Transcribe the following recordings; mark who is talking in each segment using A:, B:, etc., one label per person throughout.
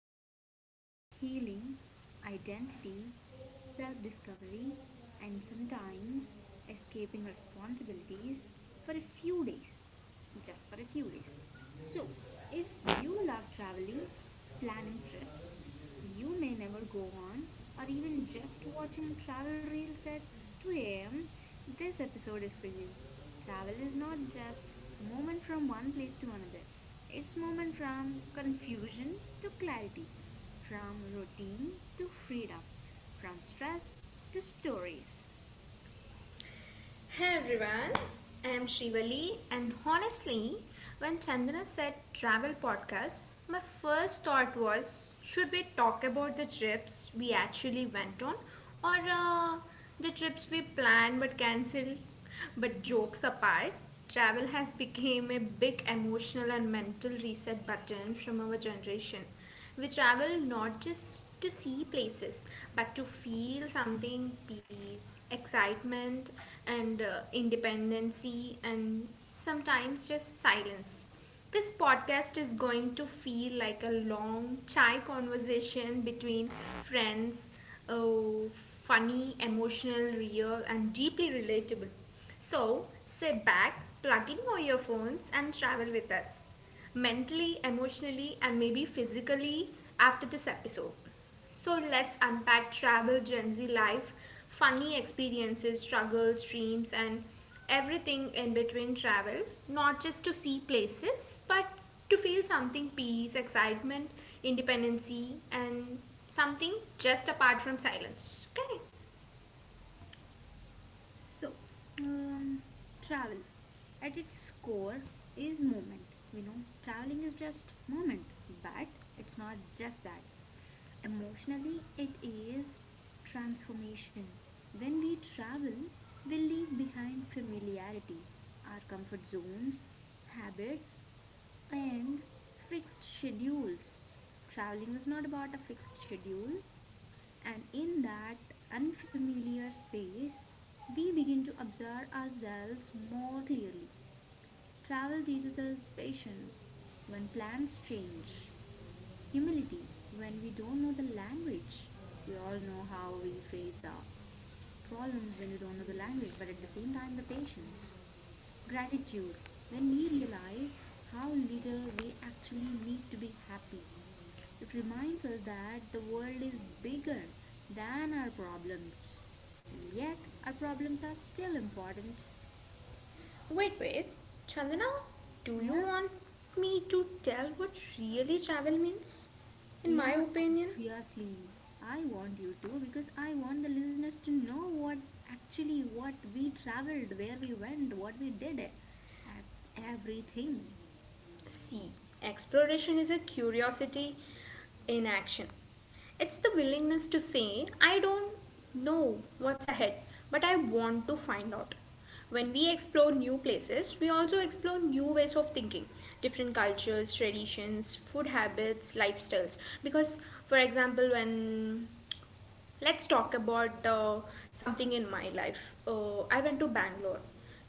A: freedom, healing, identity, self discovery, and sometimes escaping responsibilities for a few days. Just for a few days. So, if you love traveling, planning trips, you may never go on, or even just watching travel reels at 2 a.m., this episode is for you. Travel is not just movement from one place to another, it's movement from confusion to clarity, from routine to freedom, from stress to stories.
B: Hey everyone, I am Shivali, and honestly, when Chandana said travel podcast, my first thought was should we talk about the trips we actually went on or the trips we planned but cancelled? But
A: Yeah.
B: jokes apart, travel has become a big emotional and mental reset button from our generation. We travel not just to see places, but to feel something peace, excitement, and independency, and sometimes just silence. This podcast is going to feel like a long chai conversation between friends, oh, funny, emotional, real, and deeply relatable. So sit back, plug in your earphones, and travel with us mentally, emotionally, and maybe physically after this episode. So let's unpack travel, Gen Z life, funny experiences, struggles, dreams, and everything in between travel, not just to see places, but to feel something peace, excitement, independency, and something just apart from silence. Okay?
A: So, um, travel at its core is movement. We know traveling is just movement, but it's not just that. Emotionally, it is transformation. When we travel, we leave behind familiarity, our comfort zones, habits, and fixed schedules. Traveling is not about a fixed schedule, and in that unfamiliar space, we begin to observe ourselves more clearly. Travel teaches us patience when plans change, humility. When we don't know the language, we all know how we face the problems when we don't know the language, but at the same time, the patience. Gratitude. When we realize how little we actually need to be happy, it reminds us that the world is bigger than our problems, and yet our problems are still important.
B: Wait, wait. Chandana, do you
A: Yeah?
B: want me to tell what really travel means? In my
A: Yeah,
B: opinion,
A: obviously. I want you to because I want the listeners to know what actually what we traveled, where we went, what we did at everything.
B: C. Exploration is a curiosity in action. It's the willingness to say, I don't know what's ahead, but I want to find out. When we explore new places, we also explore new ways of thinking, different cultures, traditions, food habits, lifestyles. Because, for example, when let's talk about something in my life. I went to Bangalore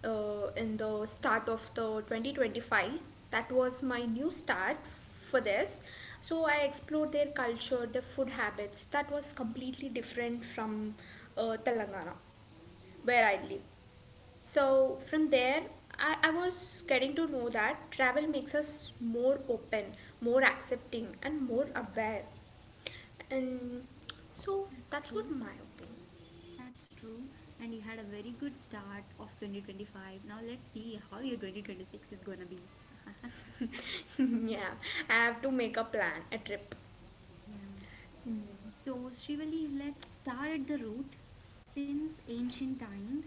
B: in the start of the 2025. That was my new start for this. So I explored their culture, their food habits. That was completely different from Telangana, where I live. So from there, I was getting to know that travel makes us more open, more accepting, and more aware. And so
A: That's
B: that's what
A: true.
B: my opinion.
A: That's true. And you had a very good start of 2025. Now let's see how your 2026 is gonna be.
B: yeah, I have to make a plan, a trip.
A: Yeah. So, Srivali, let's start at the root. Since ancient times,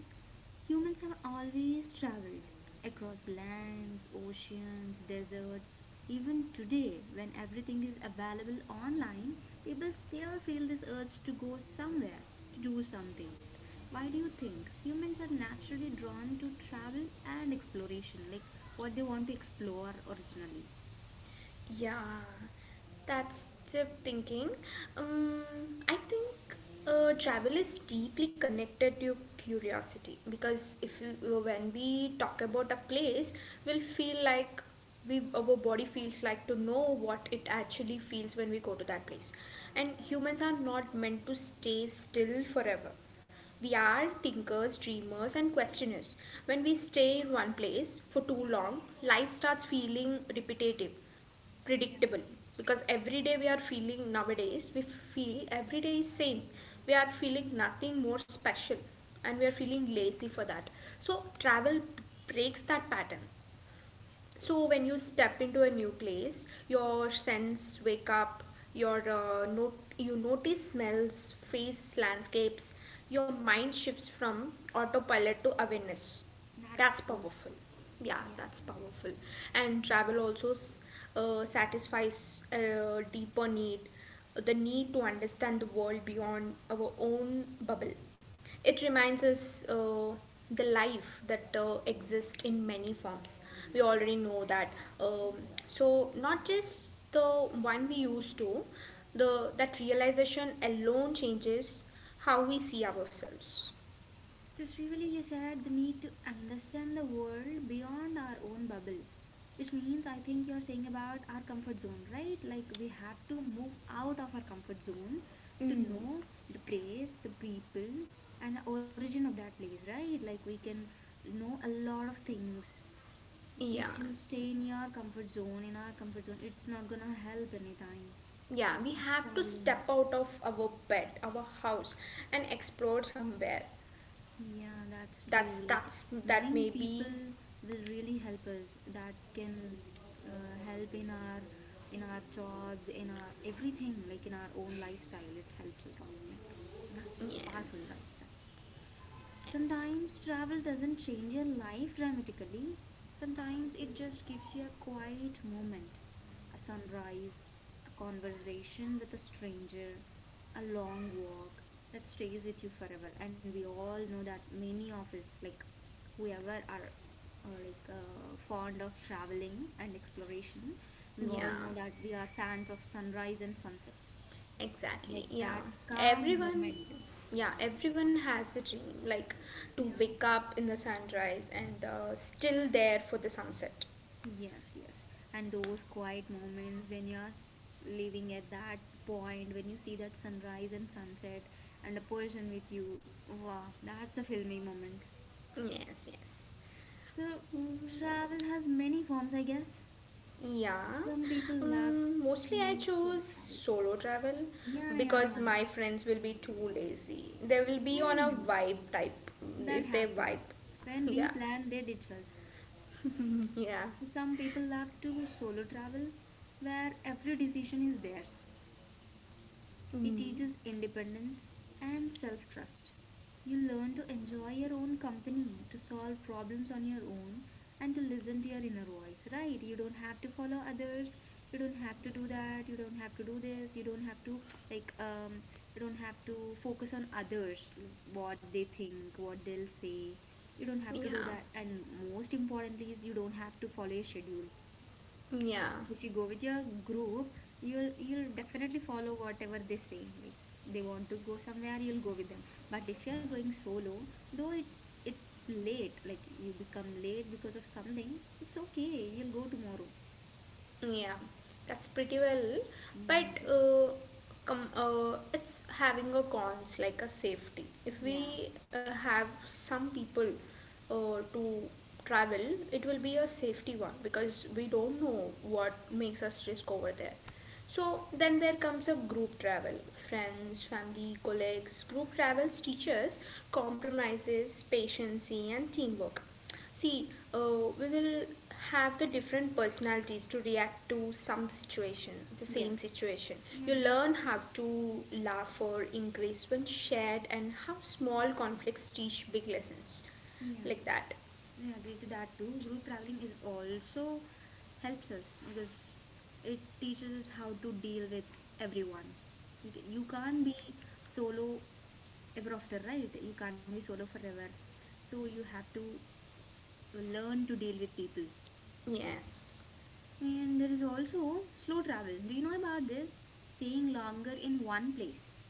A: humans have always traveled across lands, oceans, deserts. Even today, when everything is available online, people still feel this urge to go somewhere, to do something. Why do you think humans are naturally drawn to travel and exploration, like what they want to explore originally?
B: Yeah, that's the thinking. Um, I think travel is deeply connected to curiosity because if you, when we talk about a place, we'll feel like we our body feels like to know what it actually feels when we go to that place. And humans are not meant to stay still forever. We are thinkers, dreamers, and questioners. When we stay in one place for too long, life starts feeling repetitive,
A: Yeah,
B: predictable,
A: that's true.
B: because every day we are feeling, nowadays we feel every day is same, we are feeling nothing more special, and we are feeling lazy for that. So travel breaks that pattern. So when you step into a new place, your sense wake up, your note you notice smells, face, landscapes. Your mind shifts from autopilot to awareness.
A: That's
B: That's
A: true.
B: powerful. Yeah,
A: Yeah.
B: that's powerful. And travel also satisfies a deeper need, the need to understand the world beyond our own bubble. It reminds us the life that exists in many forms. We already know that. Um, so, not just the one we used to, that realization alone changes how we see ourselves.
A: So, Srivali, you said the need to understand the world beyond our own bubble, which means I think you're saying about our comfort zone, right? Like we have to move out of our comfort zone to
B: Mm.
A: know the place, the people, and the origin of that place, right? Like we can know a lot of things.
B: Yeah.
A: If you stay in your comfort zone, in our comfort zone, it's not gonna help anytime.
B: Yeah, we have to
A: Traveling.
B: step out of our bed, our house, and explore somewhere.
A: Yeah, that's true.
B: That's
A: Like
B: that's that
A: knowing
B: may be
A: people will really help us. That can help in our jobs, in our everything, like in our own lifestyle. It helps us a lot. Like that's powerful,
B: yes,
A: right? That's
B: yes,
A: sometimes travel doesn't change your life dramatically. Sometimes it just gives you a quiet moment a sunrise, a conversation with a stranger, a long walk that stays with you forever. And we all know that many of us, like whoever are fond of traveling and exploration, we all
B: yeah,
A: know that we are fans of sunrise and sunsets.
B: exactly,
A: Like
B: yeah.
A: that calm
B: Everyone,
A: moment.
B: yeah, everyone has a dream, like to
A: Yeah.
B: wake up in the sunrise and still there for the sunset.
A: Yes, yes. And those quiet moments when you're living at that point, when you see that sunrise and sunset and a person with you, wow, that's a filmy moment.
B: Yes, yes.
A: So,
B: Mm.
A: travel has many forms, I guess.
B: Yeah,
A: Some people love
B: mostly I
A: to
B: choose
A: solo travel.
B: solo travel
A: Yeah, yeah,
B: because my friends will be too lazy. They will be on
A: I
B: a
A: know.
B: vibe type
A: That
B: if they
A: happens.
B: vibe.
A: When we
B: Yeah,
A: plan, they ditch us.
B: yeah,
A: Some people love to solo travel, where every decision is theirs. It
B: mm,
A: teaches independence and self trust. You learn to enjoy your own company, to solve problems on your own, and to listen to your inner voice, right? You don't have to follow others. You don't have to do that. You don't have to do this. Like, um, you don't have to focus on others, what they think, what they'll say. You don't have to do
B: yeah,
A: that. And most importantly, is you don't have to follow a schedule
B: yeah.
A: if you go with your group, you'll definitely follow whatever they say, like they want to go somewhere, you'll go with them. But if you're going solo, though it's late, like you become late because of something, it's okay, you'll go tomorrow.
B: Yeah, that's pretty well. But
A: Mm,
B: it's having a cons like a safety. If
A: yeah
B: we have some people to travel, it will be a safety one because we don't know what makes us risk over there. So then there comes a group travel. Friends, family, colleagues. Group travels teaches compromises, patience, and teamwork. See, we will have the different personalities to react to some situation, the
A: yeah
B: same situation.
A: I
B: You
A: agree.
B: learn how to laugh or increase when shared, and how small conflicts teach big lessons.
A: Yeah,
B: Like that.
A: I agree to that too. Group traveling is also helps us because it teaches us how to deal with everyone. You can't be solo ever after, right? You can't be solo forever, so you have to learn to deal with people.
B: Yes.
A: And there is also slow travel. Do you know about this? Staying longer in one place,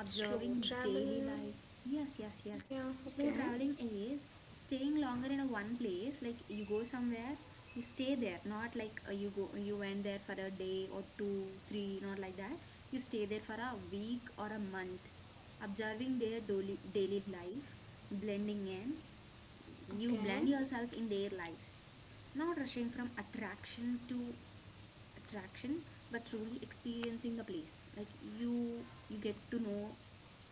A: observing
B: Slow
A: daily
B: travel.
A: life. Yes, yes, yes.
B: Yeah, okay,
A: Slow traveling is staying longer in a one place. Like you go somewhere, you stay there. Not like you go, you went there for a day or two, three. Not like that. You stay there for a week or a month, observing their daily life, blending in, you blend
B: okay.
A: yourself in their lives, not rushing from attraction to attraction, but truly experiencing the place, like you get to know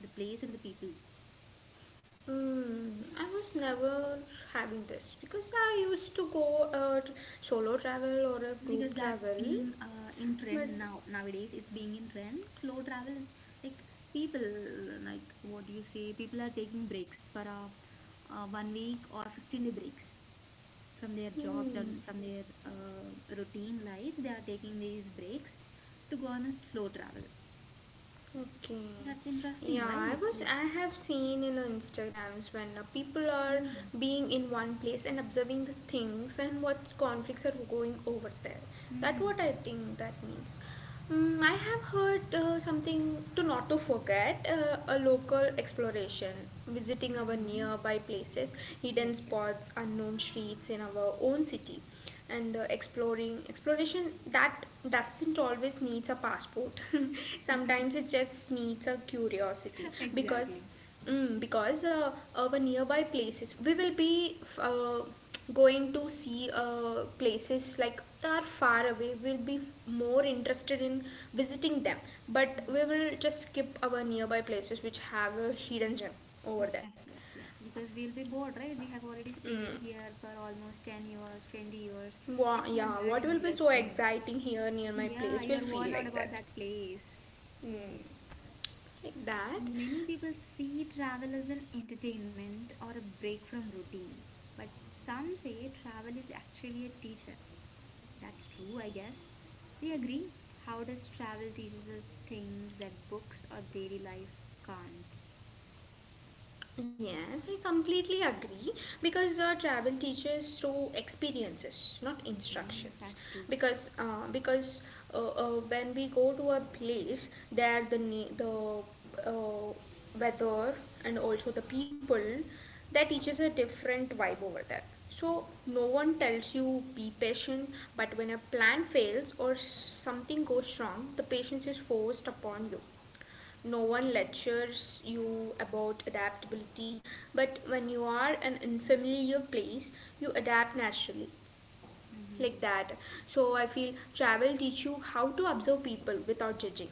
A: the place and the people
B: Mm, I was never having this because I used to go solo travel or a
A: because
B: group
A: that's
B: travel,
A: being in
B: but
A: trend now. Nowadays it's being in trend. Slow travel is like people, like what do you say, people are taking breaks for a 1 week or 15-day breaks from their jobs
B: hmm,
A: and from their routine life. They are taking these breaks to go on a slow travel.
B: okay.
A: That's interesting,
B: Yeah,
A: right?
B: I
A: Like
B: have seen in Instagrams when people are
A: mm.
B: being in one place and observing the things and what conflicts are going over there. That what
A: Mm.
B: I think that means. Mm, I have heard something to not to forget a local exploration,
A: Hmm.
B: visiting our
A: Mm-hmm.
B: nearby places,
A: Yes,
B: hidden
A: yes.
B: spots, unknown streets in our own city, and exploring exploration that doesn't always needs a passport. Sometimes it just needs a curiosity because
A: Exactly.
B: our nearby places we will be going to see places like that are far away, we'll be more interested in visiting them, but we
A: Yes,
B: will just skip our nearby places which have a hidden gem over there
A: yes, yes, yes. Because we'll be bored, right? We have already stayed
B: mm.
A: here for almost 10 years, 20 years.
B: Wha
A: It's not
B: yeah,
A: that
B: what will be so
A: interesting.
B: exciting here near my
A: Yeah,
B: place will
A: you're worn
B: feel
A: out
B: like
A: about
B: that,
A: that place.
B: mm like that.
A: Many people see travel as an entertainment or a break from routine, but some say travel is actually a teacher. That's true, I guess. Do you agree? How does travel teaches us things that books or daily life can't?
B: Yes, I completely agree because travel teaches through experiences, not
A: Mm-hmm.
B: instructions.
A: That's true.
B: Because when we go to a place, there the weather and also the people, that teaches a different vibe over there. So no one tells you be patient, but when a plan fails or something goes wrong, the patience is forced upon you. No one lectures you about adaptability, but when you are an unfamiliar place you adapt naturally,
A: Mm-hmm.
B: like that. So I feel travel teach you how to observe people without judging,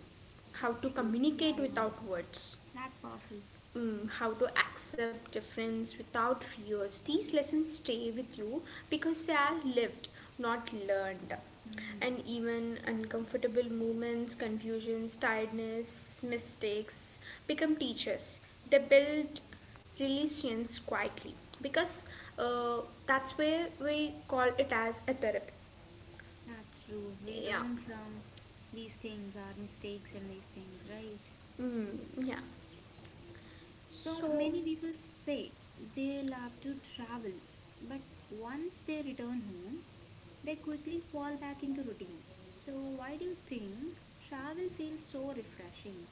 B: how
A: That's
B: to
A: true. Yeah,
B: communicate
A: yeah.
B: without words,
A: That's powerful.
B: how to accept difference without fears. These lessons stay with you because they are lived, not learned. And
A: Hmm.
B: even uncomfortable moments, confusions, tiredness, mistakes become teachers. They build relations quietly because, uh, that's where we call it as a therapy.
A: That's true. We
B: Yeah.
A: learn from these things, our mistakes and these things, right?
B: Mm, yeah.
A: That's true. So
B: So,
A: many people say they love to travel, but once they return home, they quickly fall back into routine. So, why do you think travel feels so refreshing,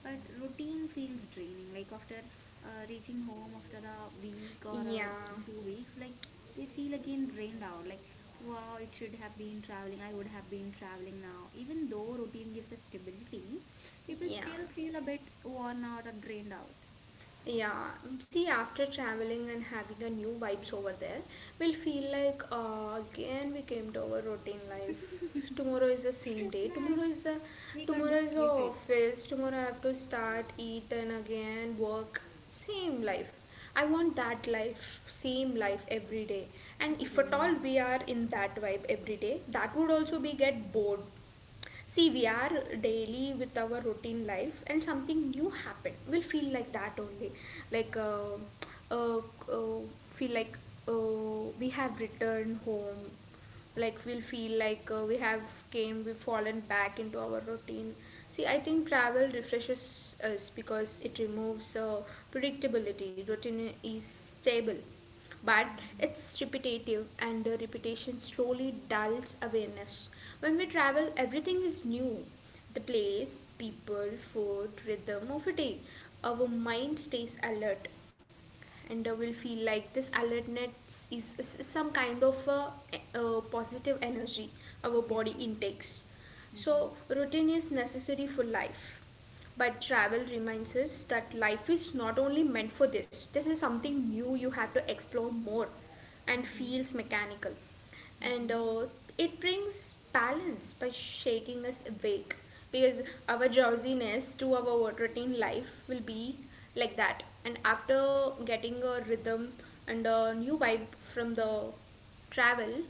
A: but routine feels draining? Like after reaching home after a week or a
B: yeah.
A: 2 weeks, like they feel again drained out. Like, wow, it should have been traveling. I would have been traveling now. Even though routine gives us stability, people
B: Yeah.
A: still feel a bit worn out or drained out.
B: Yeah, see, after traveling and having a new vibes over there, we'll feel like again we came to our routine life. Tomorrow is the same day. Tomorrow
A: That's
B: is the
A: we can't
B: tomorrow is the
A: escape it.
B: office. Tomorrow I have to start, eat, and again work. Same life. I want that life, same life every day. And if at
A: Routine.
B: all we are in that vibe every day, that would also be get bored. See, we are daily with our routine life, and something new happened. We'll feel like that only, like uh, uh, feel like we have returned home, like we'll feel like we have came we've fallen back into our routine. See, I think travel refreshes us because it removes predictability. Routine is stable, but
A: Mm-hmm.
B: it's repetitive, and repetition slowly dulls awareness. When we travel everything is new, the place, people, food, rhythm or fatigue, our mind stays alert, and will feel like this alertness is some kind of a positive energy our
A: Yes.
B: body intakes.
A: Mm-hmm.
B: So, routine is necessary for life. But travel reminds us that life is not only meant for this, this is something new you have to explore more, and
A: Mm-hmm.
B: feels mechanical, and
A: Mm-hmm.
B: it brings balance by shaking us awake. Because our drowsiness to our routine life will be like that, and after getting a rhythm and a new vibe from the travel,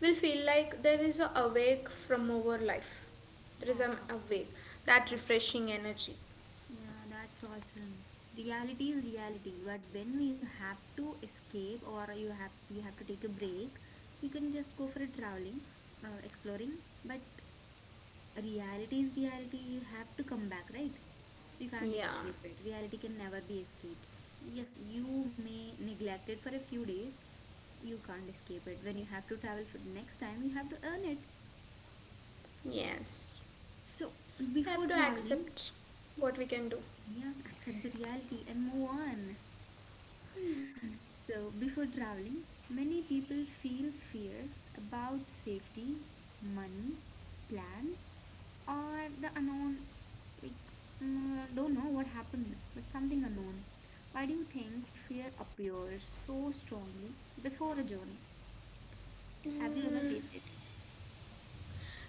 B: we'll feel like there is a awake from our life, there is an
A: That's awesome.
B: awake, that
A: That's
B: refreshing energy.
A: yeah. That's awesome. Reality is reality, but when you have to escape or you have to take a break, you can just go for a traveling, exploring. But reality is reality, you have to come back, right? You can't
B: Yeah,
A: escape it. Reality can never be escaped. Yes, you may neglect it for a few days, you can't escape it. When you have to travel for next time, you have to earn it.
B: yes,
A: So
B: we have
A: before
B: to
A: traveling,
B: accept what we can do.
A: yeah, accept the reality and move on. So, before traveling, many people feel fear about safety, money, plans, or the unknown. Like, mm, don't know what happened, but something unknown. Why do you think fear appears so strongly before a journey? Have you ever
B: Mm.
A: faced it?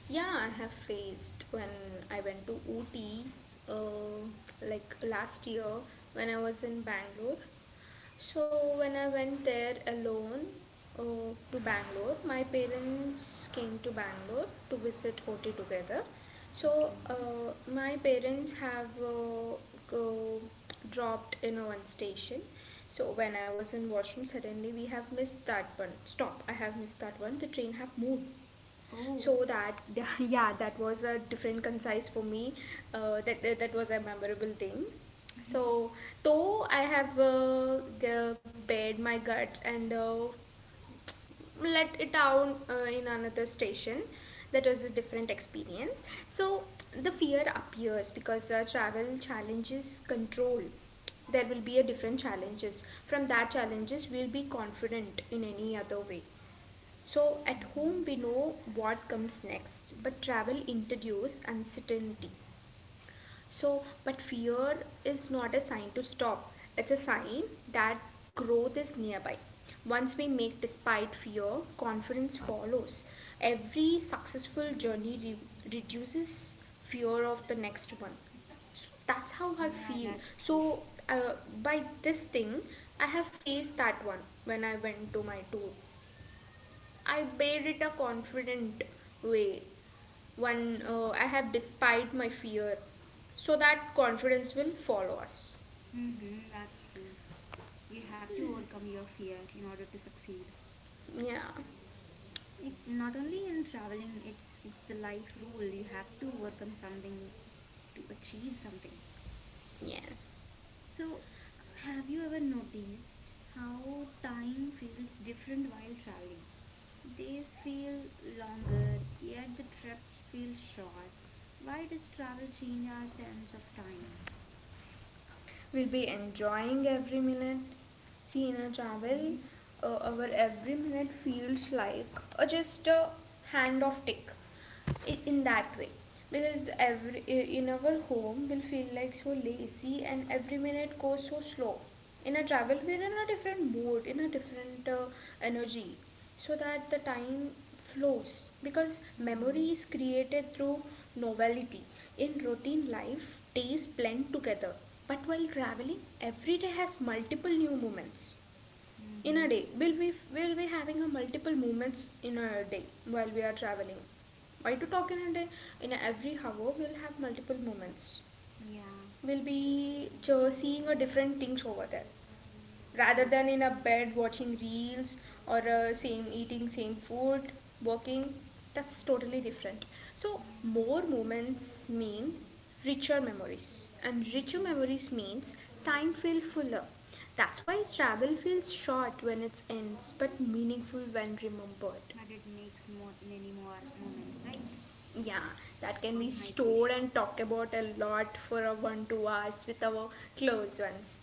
B: Yeah, I have faced when I went to Ooty, uh, like last year when I was in Bangalore. So when I went there alone to Bangalore, my parents came to Bangalore to visit OT together. So
A: Okay.
B: my parents have go, dropped in a one station. So when I was in washroom, suddenly we have missed that one. Stop! I have missed that one. The train have moved,
A: Oh,
B: so that yeah, that was a different concise for me, that was a memorable thing. So though I have bared my guts and let it down in another station. That was a different experience. So the fear appears because travel challenges control. There will be a different challenges, from that challenges we'll be confident in any other way. So at home we know what comes next, but travel introduces uncertainty. So but fear is not a sign to stop. It's a sign that growth is nearby. Once we make despite fear, confidence follows. Every successful journey reduces fear of the next one. So that's how I
A: yeah,
B: feel.
A: that's true.
B: So uh, by this thing, I have faced that one. When I went to my tour I bade it a confident way, one I have despite my fear, so that confidence will follow us.
A: Mm-hmm, that's true. You have to overcome your fear in order to succeed.
B: Yeah,
A: It not only in traveling, it's the life rule. You have to overcome something to achieve something.
B: yes.
A: So, have you ever noticed how time feels different while traveling? Days feel longer, yet the trips feel short. Why does travel change our sense of time?
B: We will be enjoying every minute. See, in a travel,
A: Mm-hmm.
B: our every minute feels like just a hand of tick in that way, because every in our home will feel like so lazy and every minute goes so slow. In a travel we're in a different mood, in a different energy, so that the time flows because memory
A: Mm-hmm.
B: is created through novelty. In routine life days blend together, but while traveling every day has multiple new moments. In a
A: Mm-hmm.
B: day we'll be having a multiple moments in a day while we are traveling. Why to talk in a day, in every hour we'll have multiple moments.
A: Yeah,
B: We'll be seeing a different things over there,
A: true.
B: rather than in a bed watching reels or same eating same food, working. That's totally different. So
A: Yeah.
B: more moments mean richer memories, and richer
A: Mm-hmm.
B: memories means time feel fuller. That's why travel feels short when it ends but meaningful when remembered.
A: But it makes more, many more moments, right?
B: Yeah, that can be
A: Time might be
B: stored
A: short.
B: and talked about a lot for a 1 2 hours with our close ones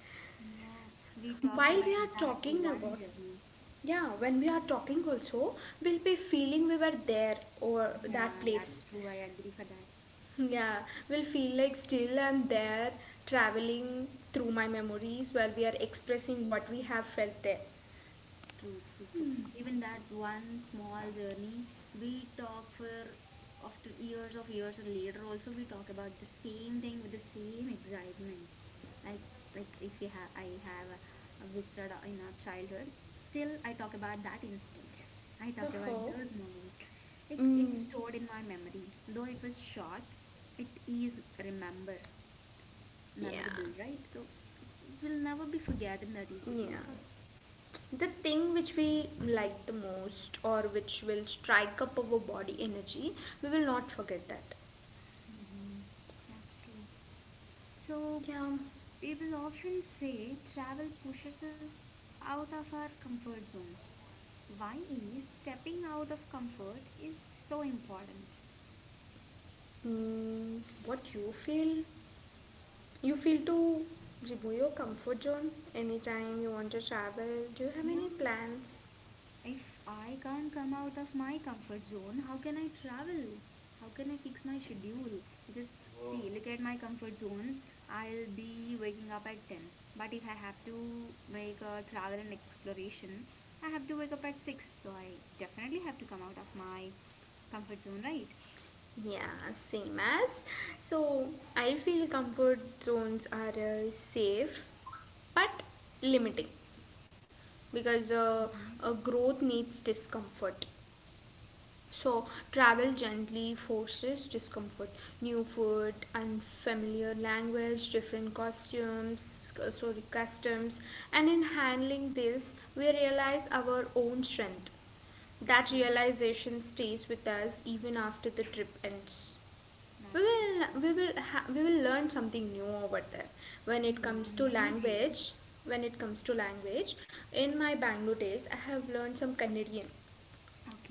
A: Yeah, we talk
B: while we
A: about
B: are
A: that
B: talking
A: one
B: about.
A: journey.
B: Yeah, when we are talking also, we'll be feeling we were there or that
A: Yeah,
B: place.
A: that's true. I agree for that.
B: Yeah, we'll feel like still I'm there, traveling through my memories while we are expressing what we have felt there.
A: True, true, true. Even that one small journey, we talk for after years of years or later also we talk about the same thing with the same excitement. Like like if you have I have visited in our childhood, still I talk about that incident. I talk about
B: Oh,
A: those moments. Like it's
B: mm,
A: stored in my memory. Though it was short, it is remember
B: yeah,
A: memorable, right? So it will never be forgotten that easily.
B: yeah. The thing which we like the most or which will strike up our body energy, we will not forget that.
A: That's true. So,
B: Yeah,
A: people often say travel pushes us out of our comfort zones. Why is stepping out of comfort is so important?
B: what you feel? You feel to remove your comfort zone anytime you want to travel. Do you have
A: Yeah,
B: any plans?
A: if I can't come out of my comfort zone, how can I travel? How can I fix my schedule? Because, whoa, see, look at my comfort zone. I'll be waking up at 10. But if I have to make a travel and exploration, I have to wake up at 6. So I definitely have to come out of my comfort zone, right?
B: Yeah, same as. So I feel comfort zones are safe but limiting, because
A: Mm-hmm.
B: growth needs discomfort. So travel gently forces discomfort. New food, unfamiliar language, different costumes, sorry, customs, and in handling this, we realize our own strength. That
A: True.
B: realization stays with us even after the trip ends.
A: That's true.
B: We will learn something new over there. When
A: We'll
B: it comes to
A: learn many things.
B: language, when it comes to language, in my Bangalore days, I have learned some Canadian,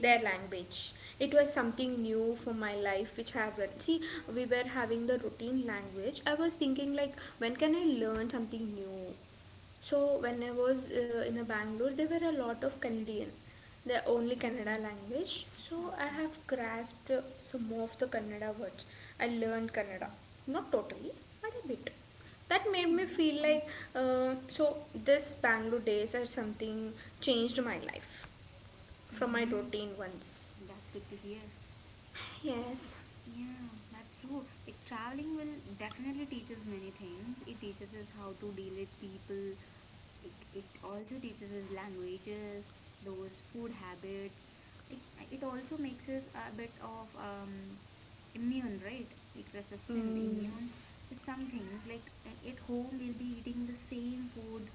B: their language. It was something new for my life, which I have learned. See, we were having the routine language. I was thinking like, when can I learn something new? So when I was in a Bangalore, there were a lot of Canadian, the only Kannada
A: Mm-hmm.
B: language. So I
A: Okay.
B: have grasped some of the Kannada words. I learned Kannada, not totally, but a bit. That made me
A: Hmm. That's
B: feel
A: fine.
B: like so this Bangalore days or something changed my life from my
A: Mm-hmm.
B: routine once.
A: That's good to hear.
B: Yes.
A: Yeah, that's true. Like traveling will definitely teach us many things. It teaches us how to deal with people, like it also teaches us languages, those food habits. Like it also makes us a bit of immune, right? Like resistant,
B: Mm,
A: immune to some things. Like at home we'll be eating the same food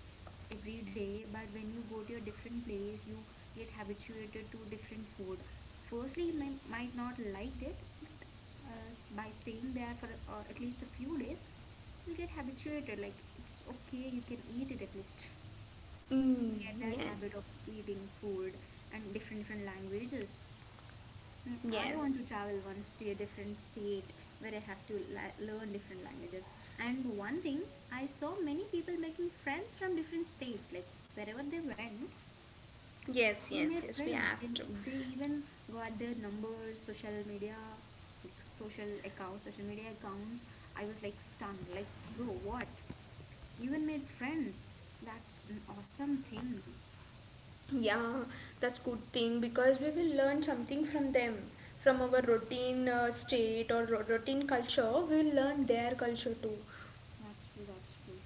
A: every day, but when you go to a different place you get habituated to different food. Firstly you may, might not like it, but by staying there for at least a few days, you'll get habituated, like it's okay, you can eat it at least
B: mm,
A: get that habit of
B: yes.
A: eating food and different different languages. Mm, I want to
B: Yes.
A: travel once to a different state where I have to learn different languages. And one thing, I saw many people making friends from different states. Like wherever they went,
B: Yes.
A: they made
B: Yes. Yes. We
A: friends.
B: have
A: They,
B: to.
A: they even got their numbers, social media, like social accounts, social media accounts. I was like stunned. Like, bro, what? You even made friends. That's an awesome thing.
B: Yeah, that's good thing, because we will learn something from them, from our routine state or routine culture. We will learn their culture too.
A: That's true, that's true.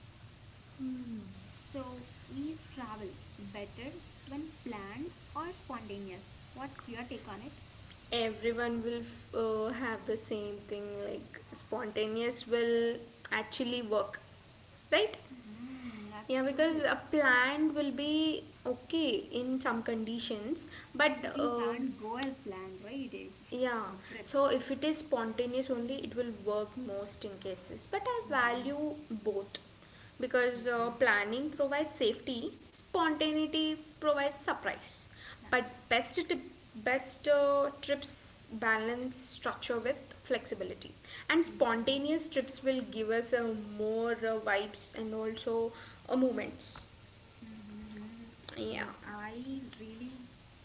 B: Hmm.
A: So, is travel better when planned or spontaneous? What's your take on it?
B: Everyone will have the same thing. Like spontaneous will actually work, right?
A: Hmm, that's
B: Yeah, because
A: true.
B: a plan will be okay in some conditions, but.
A: Everything can't go as planned, right? If it's
B: Yeah,
A: for
B: so
A: trips.
B: if it is spontaneous only, it will work most in cases. But I
A: Mm-hmm,
B: value both because
A: mm-hmm.
B: planning provides safety, spontaneity provides surprise. But
A: That's true.
B: best tip, best trips balance structure with flexibility, and
A: Mm-hmm.
B: spontaneous trips will give us a more vibes and also moments.
A: Mm-hmm. Mm,
B: Yeah,
A: I really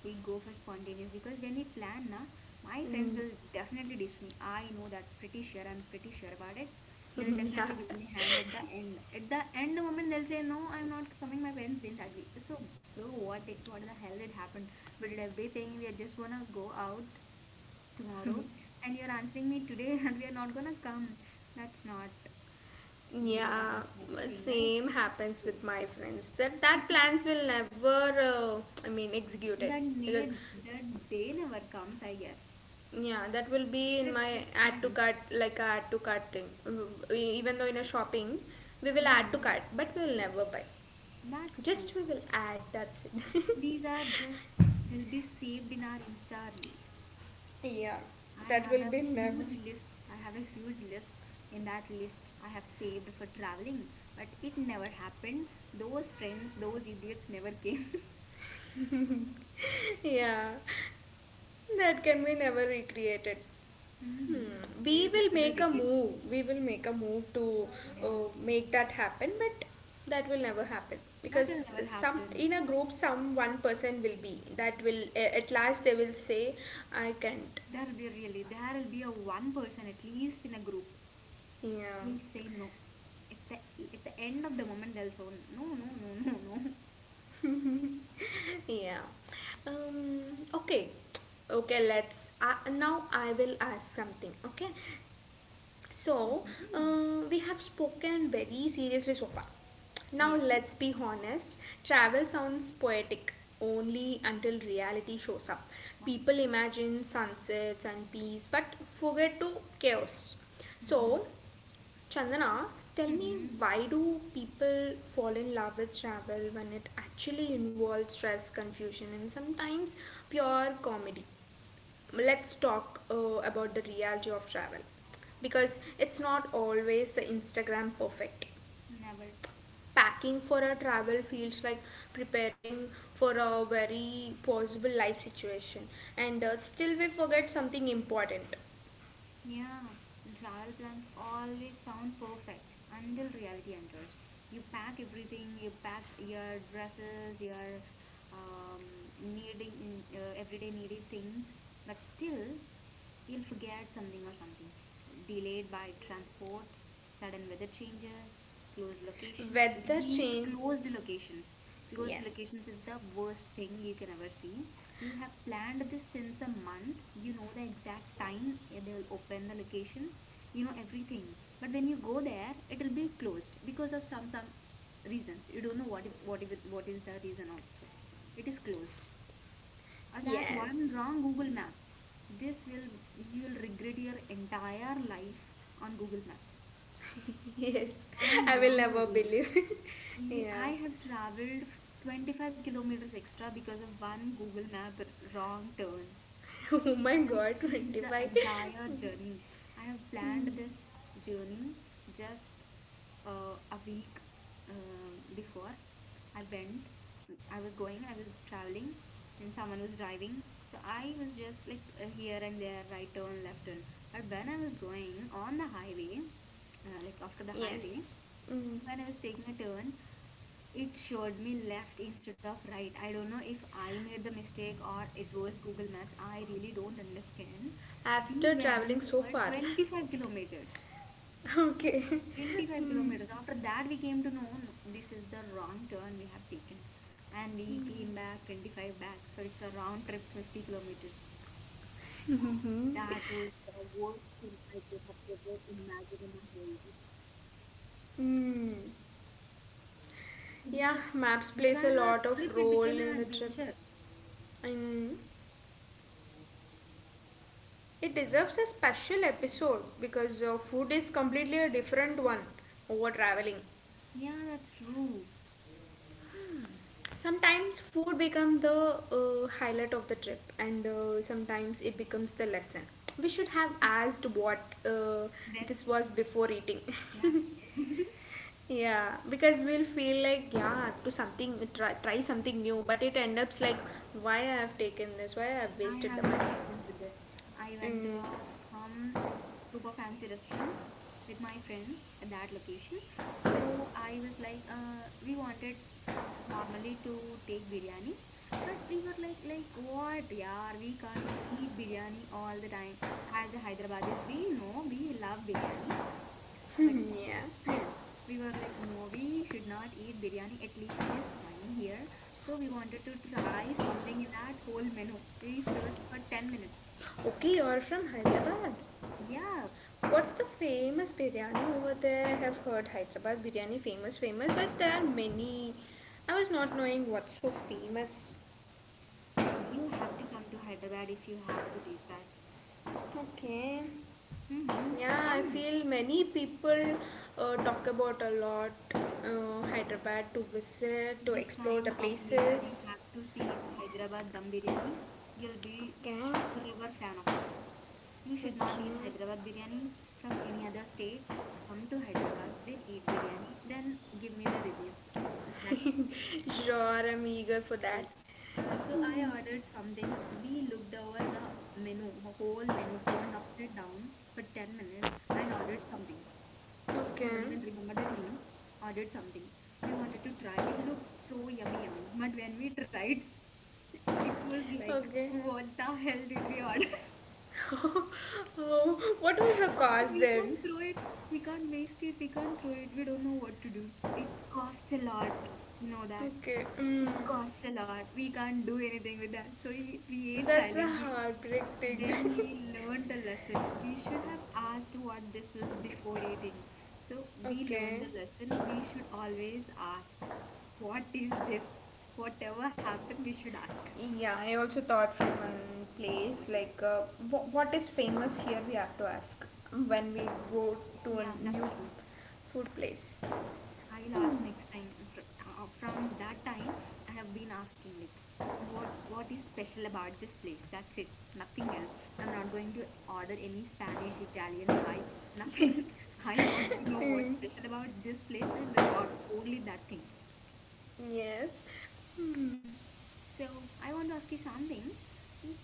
A: go for spontaneous because when we plan, na, my friends
B: mm.
A: will definitely dish me. I know that pretty sure. I'm pretty sure about it. They'll
B: Yeah.
A: definitely give me hand at the end. At the end moment, they'll say, "No, I'm not coming. My parents didn't agree." So, bro, what the hell did happen? We did everything. We are just gonna go out tomorrow, and you're answering me today, and we are not gonna come. That's not
B: Yeah,
A: that's not the thing, right?
B: same happens
A: So,
B: with my friends. That plans will never, I mean, execute it
A: That
B: because
A: day, that day never comes, I guess.
B: yeah, that will be in
A: Trips
B: my
A: with
B: add to cart
A: friends.
B: like a add to cart thing. Mm, Even though in a shopping, we will add to
A: Hmm.
B: cart, but we will never buy.
A: That's true.
B: Just we will add. That's it.
A: These are just will be saved in our Insta reels.
B: Yeah,
A: I
B: that
A: have
B: will
A: a
B: be never.
A: huge list. I have a huge list. In that list, I have saved for traveling, but it never happened. Those friends, those idiots never came.
B: Yeah, that can be never recreated. Hmm.
A: Hmm.
B: We
A: Yes, will
B: will
A: be the
B: make a
A: regrets.
B: move. We will make a move to
A: Yeah,
B: make that happen, but that will never happen
A: that will
B: because
A: never
B: some
A: happen.
B: in a
A: That's
B: group
A: true.
B: some one person will be that will at last they will say I can't.
A: There'll be a one person at least in a group
B: Yeah.
A: will say no. At the at the end of the moment, they'll say no, no, no, no, no.
B: Yeah. Okay. Okay, let's now I will ask something. Okay, so
A: Mm-hmm.
B: we have spoken very seriously so far. Now,
A: Yeah,
B: let's be honest, travel sounds poetic only until reality shows up.
A: that's
B: People imagine sunsets and peace but forget to chaos.
A: true. Mm-hmm.
B: So, Chandana, tell me
A: Mm-hmm.
B: why do people fall in love with travel when it actually involves stress, confusion, and sometimes pure comedy? Let's talk about the reality of travel because it's not always the Instagram perfect.
A: Never.
B: Packing for a travel feels like preparing for a very possible life situation, and still we forget something important.
A: Yeah, travel plans always sound perfect until reality enters. You pack everything. You pack your dresses, your um, needing in, everyday needed things, but still you'll forget something, or something delayed by transport, sudden weather changes, closed locations.
B: Weather
A: these
B: change.
A: closed locations Closed
B: Yes.
A: locations is the worst thing you can ever see. You have planned this since a month, you know the exact time they'll open the location, you know everything, but when you go there it'll be closed because of some reasons. You don't know, what if, what if, what is the reason also it is closed, or that one
B: Yes.
A: wrong Google Maps. This will You will regret your entire life on Google Maps.
B: Yes.
A: One
B: I will
A: wrong
B: never
A: Google
B: believe.
A: Maps.
B: Yeah.
A: I have traveled 25 kilometers extra because of one Google Map wrong turn
B: Oh my
A: that
B: god,
A: changed the
B: 25.
A: entire journey. I have planned this journey just a week before. I went, I was going, I was traveling, and someone was driving. So I was just like here and there, right turn, left turn. But when I was going on the highway, like after the highway,
B: Yes. Mm.
A: when I was taking a turn, it showed me left instead of right. I don't know if I made the mistake or it was Google Maps. I really don't understand. We
B: After traveling
A: went
B: so
A: for
B: far.
A: 25 kilometers.
B: Okay.
A: 25
B: Mm.
A: kilometers. After that, we came to know no, this is the wrong turn we have taken. And we came back 25 back. So it's a round trip 50 kilometers. That was the worst thing I could have ever imagined in my whole life.
B: Mm.
A: It
B: Yeah,
A: became,
B: maps
A: Rather
B: plays a
A: than a
B: lot
A: trip,
B: of
A: it
B: role
A: became an
B: in the trip.
A: adventure.
B: Mm. It deserves a special episode because food is completely a different one over traveling.
A: Yeah, that's true.
B: Sometimes food becomes the highlight of the trip, and sometimes it becomes the lesson. We should have asked what
A: Yes,
B: this was before eating.
A: that's true.
B: Yeah, because we'll feel like yeah, to something try something new, but it ends up like why I have taken this, why I have
A: I
B: wasted
A: have
B: the
A: an
B: money.
A: experience with this. I went to
B: Mm,
A: some super fancy restaurant with my friend at that location. So I was like, we wanted normally to take biryani, but we were like what, yaar? We can't eat biryani all the time. As a Hyderabadis, we know we love biryani. But
B: yeah.
A: still, we were like, no, we should not eat biryani at least this time here. So we wanted to try something in that whole menu. We searched for 10 minutes.
B: Okay, you're from Hyderabad.
A: Yeah,
B: What's the famous biryani over there? I have heard Hyderabad biryani famous, famous, but there are many. I was not knowing what's so famous.
A: you have to come to Hyderabad if you have to taste that.
B: Okay.
A: Mm-hmm.
B: Yeah, I
A: Come
B: feel many people talk about a lot Hyderabad to visit, to
A: this
B: explore the
A: time, come here. You
B: places.
A: have to see Hyderabad dum biryani. You'll be
B: Okay.
A: forever fan of it. You should
B: Okay.
A: not eat Hyderabad biryani from any other states. Come to Hyderabad, then eat biryani, then give me the review. That's
B: Sure, I'm eager for
A: so.
B: that.
A: So I ordered something. We looked over the menu, whole menu turned upside down for 10 minutes and ordered something. I don't
B: Okay.
A: even remember that name. Ordered something. We wanted to try. It looked so yummy, yummy. But when we tried, it was like,
B: Okay.
A: what the hell did we order?
B: Oh, what was the
A: But
B: cause
A: we
B: then?
A: can't throw it, we can't waste it, we can't throw it, we don't know what to do. It costs a lot, you know that.
B: Okay. Mm.
A: It costs a lot. We can't do anything with that. So we ate
B: That's a
A: silently.
B: heartbreak thing.
A: Then we learned the lesson. We should have asked what this was before eating. So we
B: Okay.
A: learned the lesson. We should always ask, what is this? Whatever happened, we should ask.
B: Yeah, I also thought from one place like what is famous here we have to ask when we go to a
A: Yeah, that's
B: new
A: true.
B: food place.
A: I'll ask next time. From that time, I have been asking like, what is special about this place? That's it. Nothing else. I'm not going to order any Spanish, Italian, Thai. Nothing. I want to know what's special about this place and will order only that thing.
B: Yes. Hmm.
A: So I want to ask you something.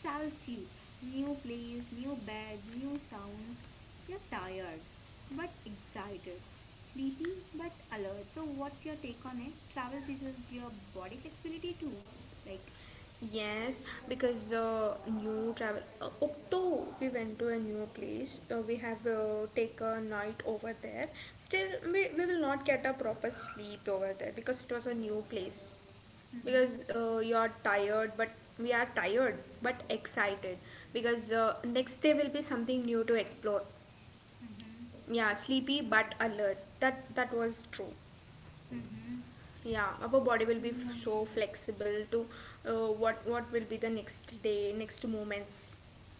A: Travel sleep, new place, new bed, new sounds. You're tired but excited, sleepy but alert. So what's your take on it? Travel teaches your body flexibility too. Like,
B: Yes, because new travel. Octo, we went to a new place. We have take a night over there. Still, we will not get a proper sleep over there because it was a new place.
A: mm-hmm,
B: Because you are tired but we are tired but excited because next day will be something new to explore.
A: mm-hmm,
B: Yeah, sleepy but alert, that was true.
A: mm-hmm.
B: Yeah, our
A: So,
B: body will be so
A: mm,
B: flexible to what will be the next day next moments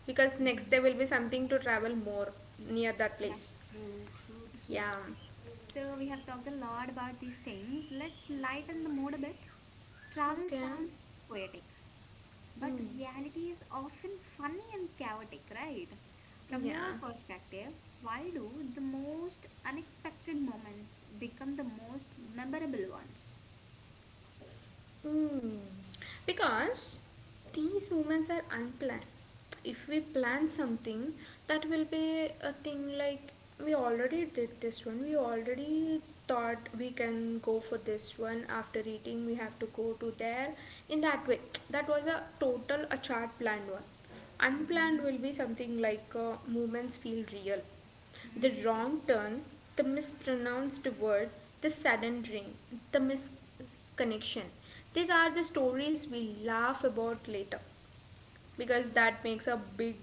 B: because next
A: mhm.
B: day will be something to travel more near that
A: That's
B: place.
A: true, true, true.
B: Yeah.
A: So we have talked a lot about these things. Let's lighten the mood a bit. Travel
B: Okay.
A: sounds poetic, but
B: Mm.
A: reality is often funny and chaotic, right? From your
B: Yeah.
A: perspective, why do the most unexpected moments become the most memorable ones?
B: Hmm. Because these movements are unplanned. If we plan something, that will be a thing like we already did this one, we already thought we can go for this one after eating, we have to go to there. In that way, that was a total, a chart planned one. Unplanned
A: Mm-hmm.
B: will be something like movements feel real, the
A: Mm,
B: wrong turn, the mispronounced word, the sudden rain, the mis connection. These are the stories we laugh about later because
A: true.
B: that makes a big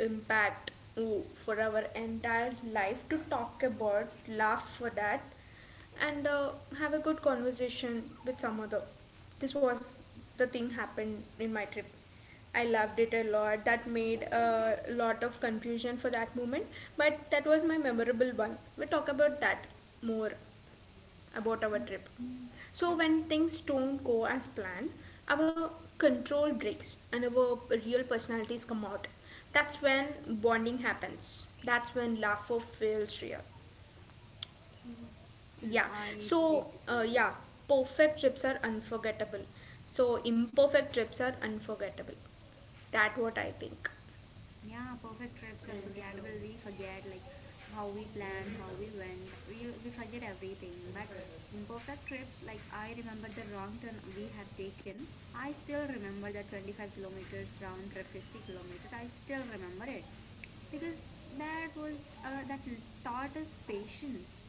B: impact, oh, for our entire life to talk about, laugh for that, and have a good conversation with some other. This was the thing happened in my trip. I loved it a lot. That made a lot of confusion for that moment, but that was my memorable one. We'll talk about that more about our trip.
A: Mhm.
B: So
A: That's
B: when
A: true.
B: things don't go as planned, our control breaks and our real personalities come out. That's when bonding happens. That's when laughter feels real.
A: True. Mm,
B: Yeah.
A: I really
B: So
A: remember.
B: yeah, perfect trips are unforgettable. So imperfect trips are unforgettable. That what I think.
A: Yeah, perfect trips are forgettable. We forget like how we planned, how we went. We forget everything. But imperfect trips, like I remember the wrong turn we have taken. I still remember the 25 kilometers round trip, 50 kilometers. I still remember it because that was taught us patience.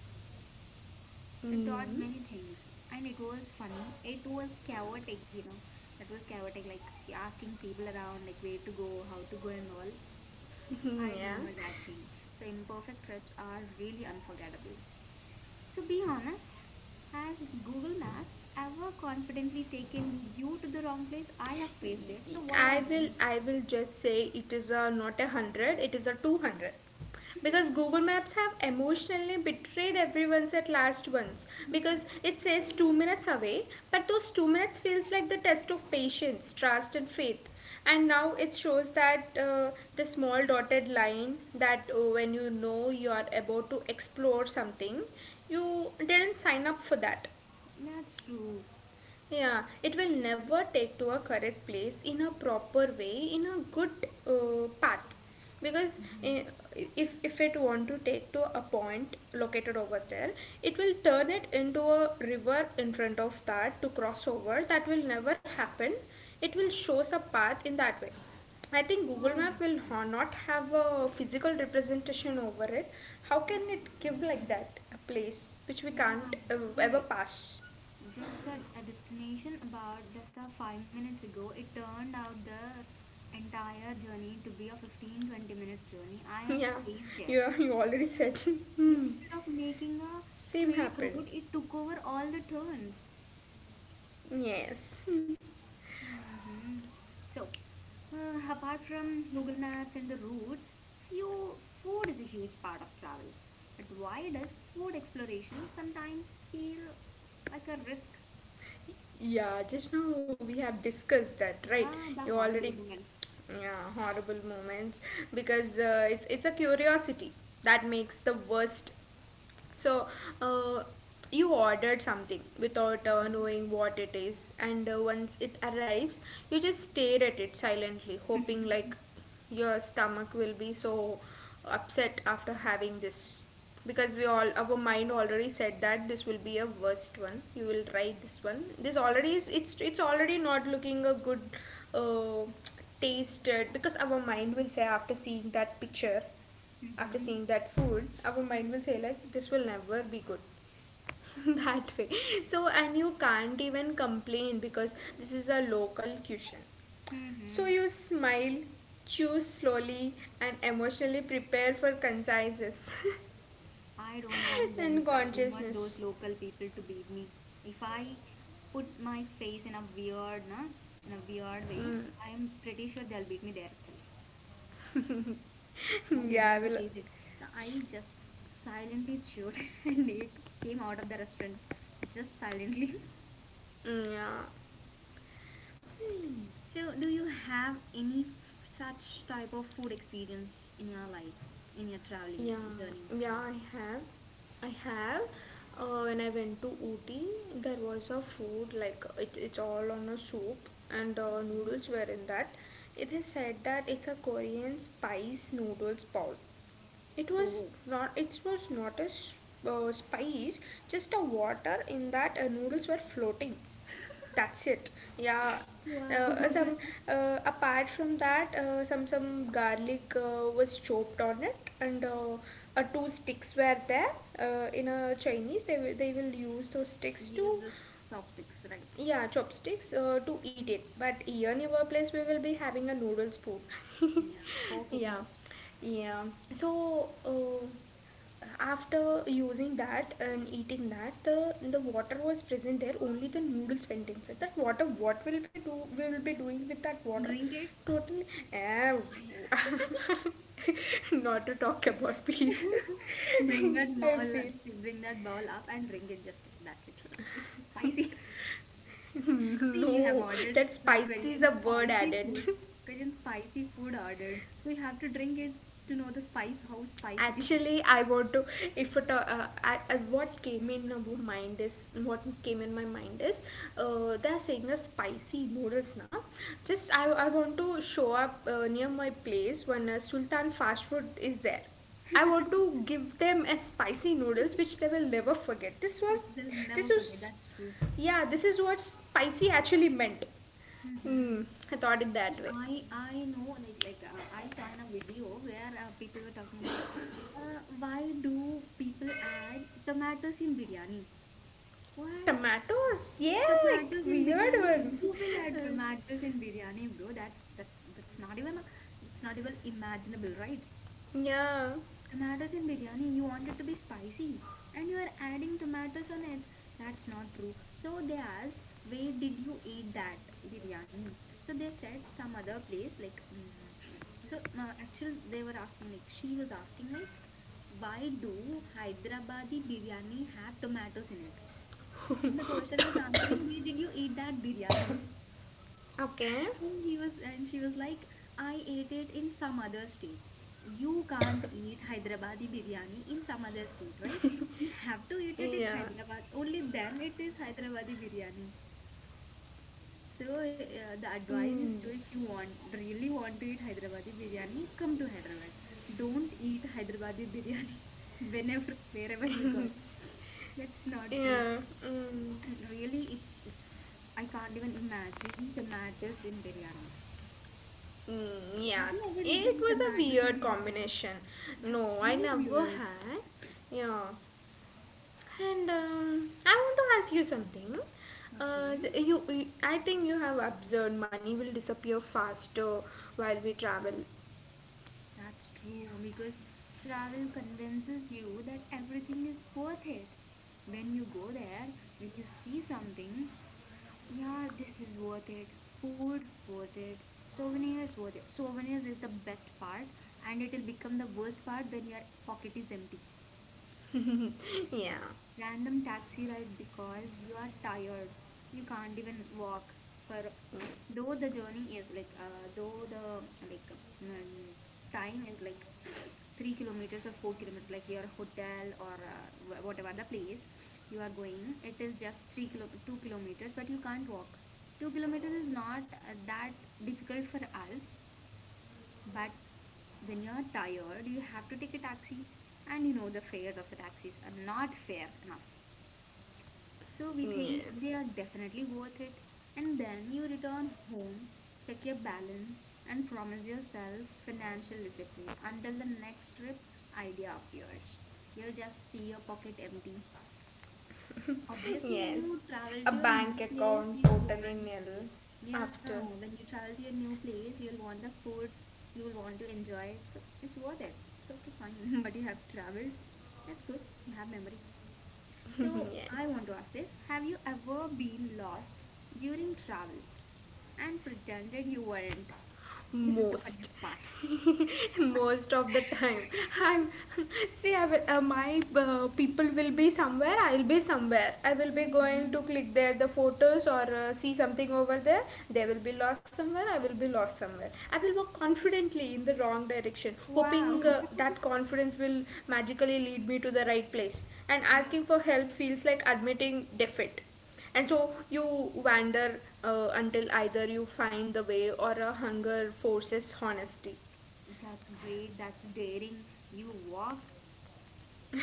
A: It taught
B: Mm.
A: many things, and it was funny. It was chaotic. That was chaotic, like asking people around, like where to go, how to go, and all. I
B: Yeah.
A: remember that thing. So imperfect trips are really unforgettable. So be honest, has Google Maps ever confidently taken you to the wrong place? I have faced it. So what
B: I
A: about you?
B: will I will just say it is a not 100, it is a 200. Because Google Maps have emotionally betrayed everyone's at last once.
A: Yeah,
B: Because it says 2 minutes away, but those 2 minutes feels like the test of patience, trust, and faith. And now it shows that the small dotted line that when you know you are about to explore something, you didn't sign up for that.
A: that's true.
B: Yeah, it will never take to a correct place in a proper way, in a good path. Because
A: Yeah,
B: if it want to take to a point located over there, it will turn it into a river in front of that to cross over. That will never happen. It will show us a path in that way. I think Google
A: I have
B: Map will
A: seen.
B: not have a physical representation over it. How can it give like that a place which we
A: Yeah,
B: can't
A: I have seen
B: ever
A: it.
B: pass?
A: Just at a destination about just a 5 minutes ago, it turned out the entire journey to be a 15-20 minutes journey. I have
B: Yeah,
A: faced it.
B: you already said. Hmm.
A: Instead of making a
B: Same
A: straight
B: happened.
A: road, it took over all the turns.
B: Yes. Hmm.
A: Hmm. So, apart from Google Maps and the routes, few, food is a huge part of travel. But why does food exploration sometimes feel like a risk?
B: Yeah, just now we have discussed that, right?
A: Yeah, the
B: You
A: horrible
B: already
A: moments.
B: yeah, horrible moments because it's a curiosity that makes the worst. So, uh, you ordered something without knowing what it is, and once it arrives, you just stare at it silently, hoping like your stomach will be so upset after having this because we all our mind already said that this will be a worst one you will try this one this already is it's already not looking a good uh, tasted because our mind will say after seeing that picture after
A: Mm-hmm.
B: seeing that food our mind will say like this will never be good that way so and you can't even complain because this is a local cuisine so
A: Mm-hmm.
B: you smile chew slowly and emotionally prepare for conciseness and
A: I don't want those
B: consciousness
A: local people to beat me. If I put my face in in a weird way,
B: mm.
A: I am pretty sure they'll beat me there itself. I don't
B: Yeah, I
A: want to
B: will.
A: face it. So I just silently chewed and it came out of the restaurant just silently.
B: Mm, yeah.
A: So do you have any f such type of food experience in your life, in your traveling
B: Yeah,
A: journey?
B: yeah, I have. I have. When I went to Ooty, there was a food like it's all on a soup and noodles were in that. It is said that it's a Korean spice noodles bowl. It was
A: Oh,
B: not. It was not a s- spice, just a water in that noodles were floating, that's it, yeah.
A: wow.
B: Some apart from that some garlic was chopped on it, and two sticks were there, in a chinese they, they will use those sticks to,
A: Use this chopsticks, right?
B: yeah, chopsticks, to eat it, but here in our place we will be having a noodle spoon.
A: Yeah, fork at
B: Yeah.
A: least.
B: Yeah. So, after using that and eating that, the water was present there, only the noodles went inside that water, what will be do we will be doing with that water?
A: Ring it.
B: Totally. eh, Not to talk about, please.
A: Bring that
B: I
A: ball,
B: feel.
A: bring that ball up and ring it. Just that's it. It's spicy. See, you have
B: No,
A: ordered
B: that
A: the
B: spicy is a
A: Korean
B: word
A: spicy
B: added.
A: food. Korean spicy food ordered. So you have to drink it to know the spice, how spicy it is.
B: Actually, I want to, if what came in our mind is what came in my mind is, they are saying a spicy noodles now. Just I want to show up near my place when sultan fast food is there. I want to give them a spicy noodles which they will never forget. This was,
A: They'll
B: this
A: never forget.
B: was,
A: That's true.
B: yeah, this is what spicy actually meant.
A: Mm-hmm.
B: Mm, I thought it that
A: See,
B: way.
A: I know like I saw in a video where people were talking about why do people add tomatoes in biryani? What?
B: Tomatoes, yeah,
A: Tomatoes in
B: weird
A: biryani.
B: one.
A: Who will add tomatoes in biryani, bro? That's not even a, that's not even imaginable, right?
B: Yeah.
A: Tomatoes in biryani. You want it to be spicy and you are adding tomatoes on it. That's not true. So they asked, where did you eat that biryani? So they said some other place like so actually they were asking like she was asking like why do Hyderabadi biryani have tomatoes in it? The person was answering, where did you eat that biryani?
B: Okay.
A: And he was, and she was like, I ate it in some other state. You can't eat Hyderabadi biryani in some other state, right? You have to eat it in
B: Yeah.
A: Hyderabad. Only then it is Hyderabadi biryani. So the advice is to,
B: Mm.
A: if you want, really want to eat Hyderabadi biryani, come to Hyderabad. Don't eat Hyderabadi biryani whenever, wherever you got. That's not true.
B: Yeah. Mm.
A: And really, it's I can't even imagine the matters in biryani.
B: Mm. Yeah.
A: Have you ever
B: It
A: eaten
B: was a
A: tomatoes in
B: weird
A: biryani?
B: combination. No,
A: That's
B: I
A: really
B: never
A: weird.
B: had. Yeah. And I want to ask you something.
A: Okay,
B: I think you have observed money will disappear faster while we travel.
A: that's true because travel convinces you that everything is worth it. When you go there, when you see something, yeah, this is worth it. Food worth it. Souvenirs worth it. Souvenirs is the best part and it will become the worst part when your pocket is empty.
B: Yeah.
A: Random taxi ride because you are tired, you can't even walk for
B: Mm.
A: though the journey is like though the like um, time is like 3 kilometers or 4 kilometers like your hotel or whatever the place you are going it is just 3 kilo 2 kilometers but you can't walk. 2 kilometers is not that difficult for us, but when you are tired you have to take a taxi, and you know the fares of the taxis are not fair enough so we think they are
B: Yes.
A: definitely worth it. And then you return home, check your balance, and promise yourself financial discipline until the next trip idea appears. You'll just see your pocket empty. Obviously, when you
B: Yes.
A: travel
B: A
A: to a new
B: bank
A: place,
B: account
A: you'll
B: totally
A: want,
B: nil
A: yeah,
B: after.
A: when you travel to your new place, you'll want the food, you'll want to enjoy it. So it's worth it. It's okay, fine. But you have traveled. That's good. You have memories. So, I want
B: Yes,
A: to ask this, have you ever been lost during travel and pretended you weren't? This is the
B: most.
A: funniest part.
B: Most of the time I'm. See, I will, my people will be somewhere, I'll be somewhere, I will be going to
A: Mhm.
B: click there the photos or see something over there. They will be lost somewhere, I will be lost somewhere. I will walk confidently in the wrong direction,
A: Wow.
B: hoping that confidence will magically lead me to the right place, and asking
A: That's
B: for help feels like admitting defeat. And so you wander until either you find the way or a hunger forces honesty.
A: that's great. That's daring. You walk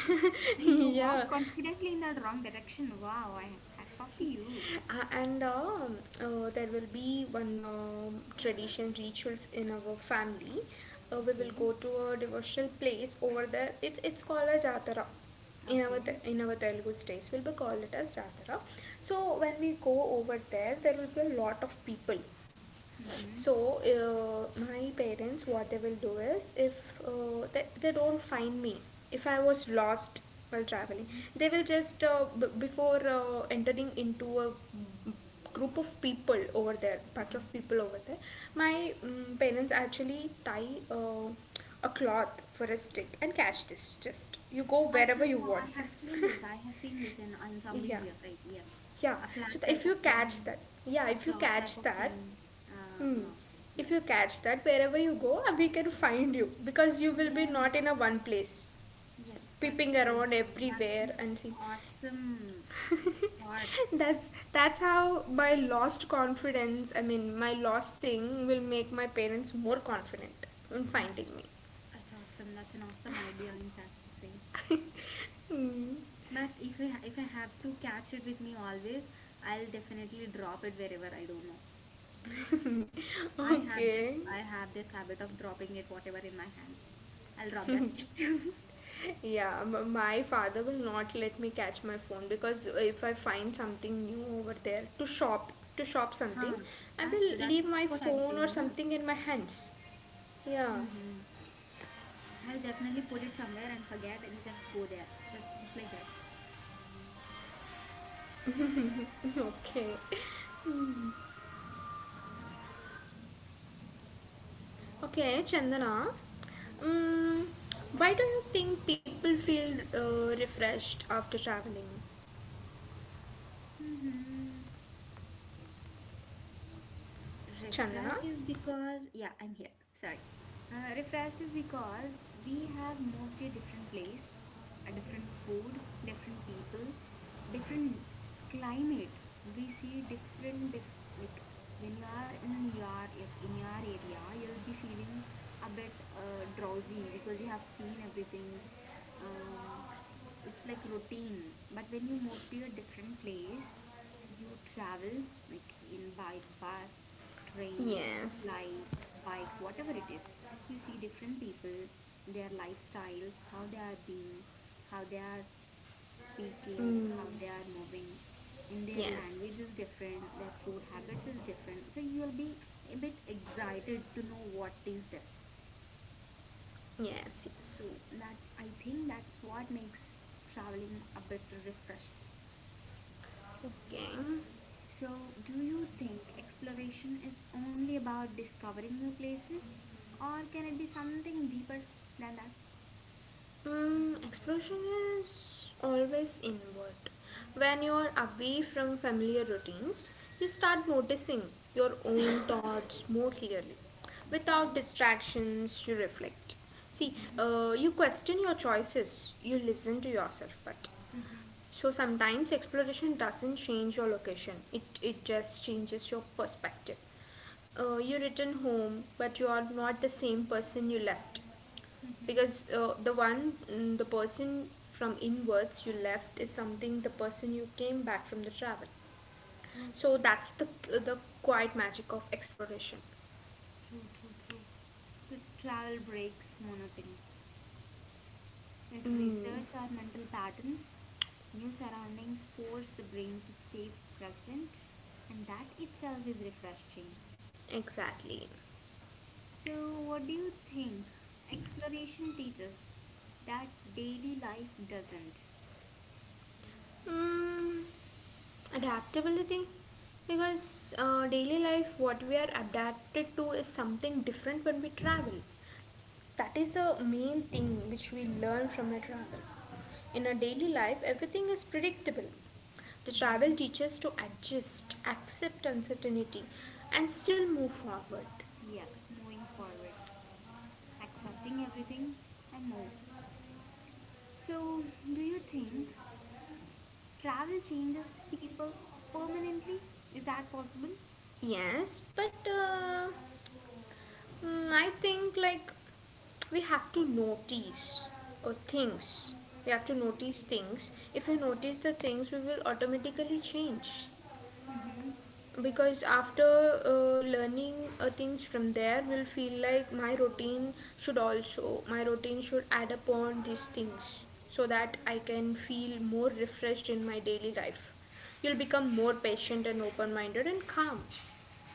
A: you
B: Yeah.
A: walk confidently in the wrong direction. Wow, I hats off to you.
B: And there will be one tradition rituals in our family. We will go
A: Okay.
B: to a devotional place over there, it's called a jatara. In our
A: Okay.
B: In our Telugu states will be called it as Ratara. So when we go over there, there will be a lot of people.
A: Mm-hmm.
B: So, my parents, what they will do is, if they don't find me, if I was lost while traveling,
A: Mm-hmm.
B: they will just, before entering into a group of people over there, bunch of people over there, my parents actually tie a cloth for a stick and catch this. Just you go
A: Acha,
B: wherever
A: acha,
B: you
A: I
B: want.
A: have seen this. I have seen this in some
B: Yeah.
A: videos, right? Yes.
B: Yeah.
A: A flag
B: So
A: type
B: if
A: of
B: you catch
A: thing,
B: that, yeah,
A: a
B: if you
A: cloth type
B: catch
A: of
B: that.
A: thing.
B: Hmm.
A: Uh-huh.
B: If you
A: Yes.
B: catch that wherever you go, we can find you because you will be
A: Yeah.
B: not in a one place,
A: Yes, that's
B: peeping
A: true.
B: around
A: That's
B: everywhere
A: an
B: and see.
A: awesome thought.
B: That's how my lost confidence. I mean, my lost thing will make my parents more confident in
A: That's
B: finding me.
A: that's awesome. That's an awesome idea, in fact, to say.
B: Hmm.
A: But if I have to catch it with me always, I'll definitely drop it wherever I don't know. I have this
B: Okay.
A: I have this habit of dropping it whatever in my hands. I'll drop that stick too.
B: Yeah, my father will not let me catch my phone because if I find something new over there to shop
A: Huh,
B: something, I
A: that's true.
B: will
A: That's what
B: leave
A: I'm
B: my
A: saying.
B: phone
A: Huh?
B: or something in my hands. Yeah.
A: Mm-hmm. I'll definitely put it somewhere and forget and just go there. That, just like that.
B: Okay. Okay, Chandana. Um, why do you think people feel refreshed after traveling?
A: Mm-hmm.
B: Chandana?
A: Refreshed is because yeah I'm here, sorry, refreshed is because we have moved to a different place, a different food, different people, different climate. We see different diff- like when you are in your like in your area you'll be feeling a bit drowsy because you have seen everything, um, it's like routine. But when you move to a different place you travel like in by bus, train,
B: Yes.
A: flights, bikes, whatever it is, you see different people, their lifestyles, how they are being, how they are speaking,
B: Mm,
A: how they are moving, and their language
B: yes.
A: is different, their food habits is different, so you'll be a bit excited to know what is this.
B: Yes,
A: So
B: yes.
A: that I think that's what makes traveling a bit refreshed.
B: Okay.
A: So, do you think exploration is only about discovering new places, or can it be something deeper than that?
B: Mm, exploration is always inward. When you are away from familiar routines, you start noticing your own thoughts more clearly. Without
A: Okay.
B: distractions, you reflect. See,
A: Mhm.
B: you question your choices, you listen to yourself, but
A: Mhm.
B: so sometimes exploration doesn't change your location, it just changes your perspective. You return home, but you are not the same person you left
A: Mhm.
B: because the one mm, the person from inwards you left is something the person you came back from the travel,
A: True,
B: so that's the quiet magic of exploration.
A: true, true, true. This travel breaks monotony. It
B: Mm,
A: resets our mental patterns. New surroundings force the brain to stay present, and that itself is refreshing.
B: exactly.
A: So, what do you think exploration teaches that daily life doesn't?
B: Mm, adaptability, because daily life what we are adapted to is something different when we travel. That is a main thing which we learn from a travel. In our daily life, everything is predictable. The travel
A: Mm-hmm.
B: teaches to adjust, accept uncertainty, and still move forward.
A: Yes, moving forward, accepting everything and move. So, do you think travel changes people permanently? Is that possible?
B: Yes, but mm, I think like we have to notice things. We have to notice things. If we notice the things, we will automatically change.
A: Mm-hmm.
B: Because after learning things from there will feel like my routine should add upon these things so
A: Okay.
B: that I can feel more refreshed in my daily life. You'll become more patient and open minded and calm.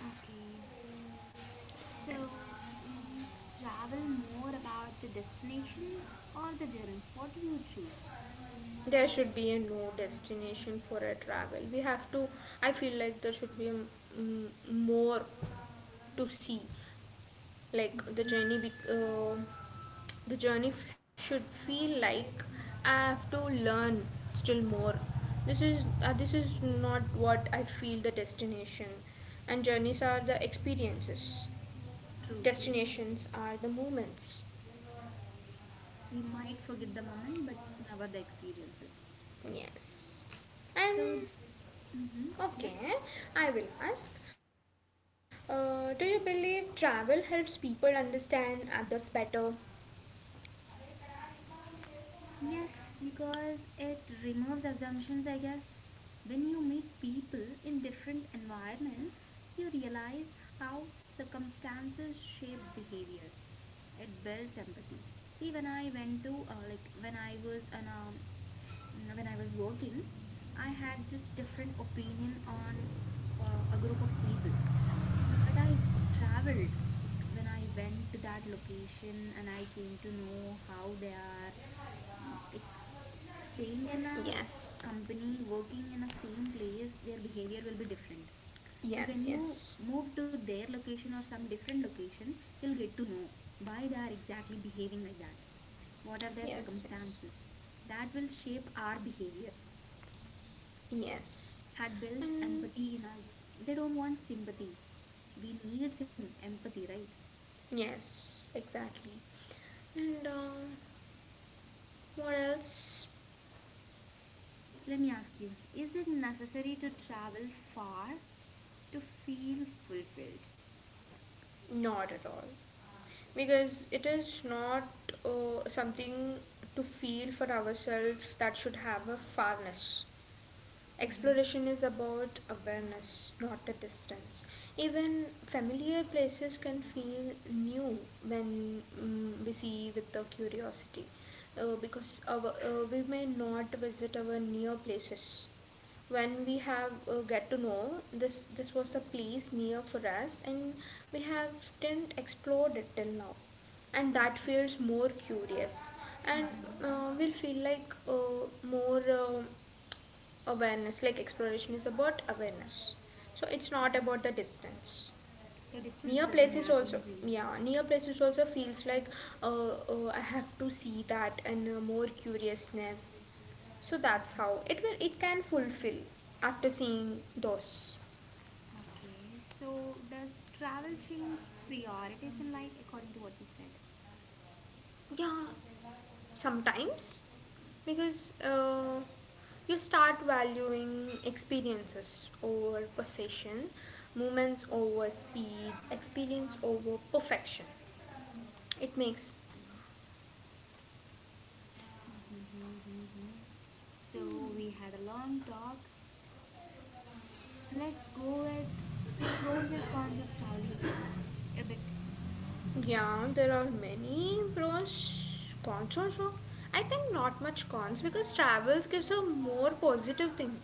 A: Okay. So,
B: Yes,
A: is travel more about the destination or the journey? What do you choose?
B: there should be a no destination for a travel. We have to, I feel like there should be a, mm, more to see like the
A: Mm-hmm.
B: journey bec the journey should feel like I have to learn still more. This is not what I feel the destination, and journeys are the experiences,
A: True, true, true.
B: destinations are the moments.
A: We might forget the moment, but never the experiences.
B: Yes.
A: So,
B: And
A: mm-hmm, yeah.
B: okay, I will ask. Do you believe travel helps people understand others better?
A: Yes, because it removes assumptions, I guess. When you meet people in different environments, you realize how circumstances shape behavior. It builds empathy. See, when I went to, like, when I was an, mm, when I was working, I had this different opinion on a group of people. But I traveled, like, when I went to that location and I came to know how they are, mm, like staying in a
B: Yes,
A: company, working in a same place, their behavior will be different. But when
B: yes,
A: you
B: yes,
A: move to their location or some different location, you'll get to know why they are exactly behaving like that. What are their
B: yes, yes,
A: circumstances? That will shape our behavior.
B: yes,
A: That builds
B: and
A: empathy in us. They don't want sympathy. We need some empathy, right?
B: yes, exactly. And what else?
A: Let me ask you, is it necessary to travel far to feel fulfilled?
B: Not at all, because it is not something to feel for ourselves that should have a farness.
A: Mm-hmm.
B: Exploration is about awareness, not the distance. Even familiar places can feel new when mm we see with the curiosity, because we may not visit our near places. When we have get to know this, this was a place near for us, and we haven't did explored it till now, and that
A: Okay.
B: feels more curious, and
A: Mm-hmm.
B: will feel like more awareness, like exploration is about awareness, so it's not
A: Yeah.
B: about the distance.
A: So distance
B: Near
A: doesn't
B: places
A: matter in
B: also,
A: dreaming.
B: yeah, near places also feels like I have to see that and more curiousness, so that's how
A: Hmm.
B: it can fulfill after seeing those.
A: Okay. So does travel change priorities in life according to what you said?
B: Yeah, sometimes, because you start valuing experiences over possession, moments over speed, experience over perfection. It makes.
A: Okay. Mm-hmm. Mm-hmm. So we had a long talk. Let's go with pros and cons of traveling a bit.
B: Yeah, there are many pros cons also. I think not much cons because travels gives a more positive thing.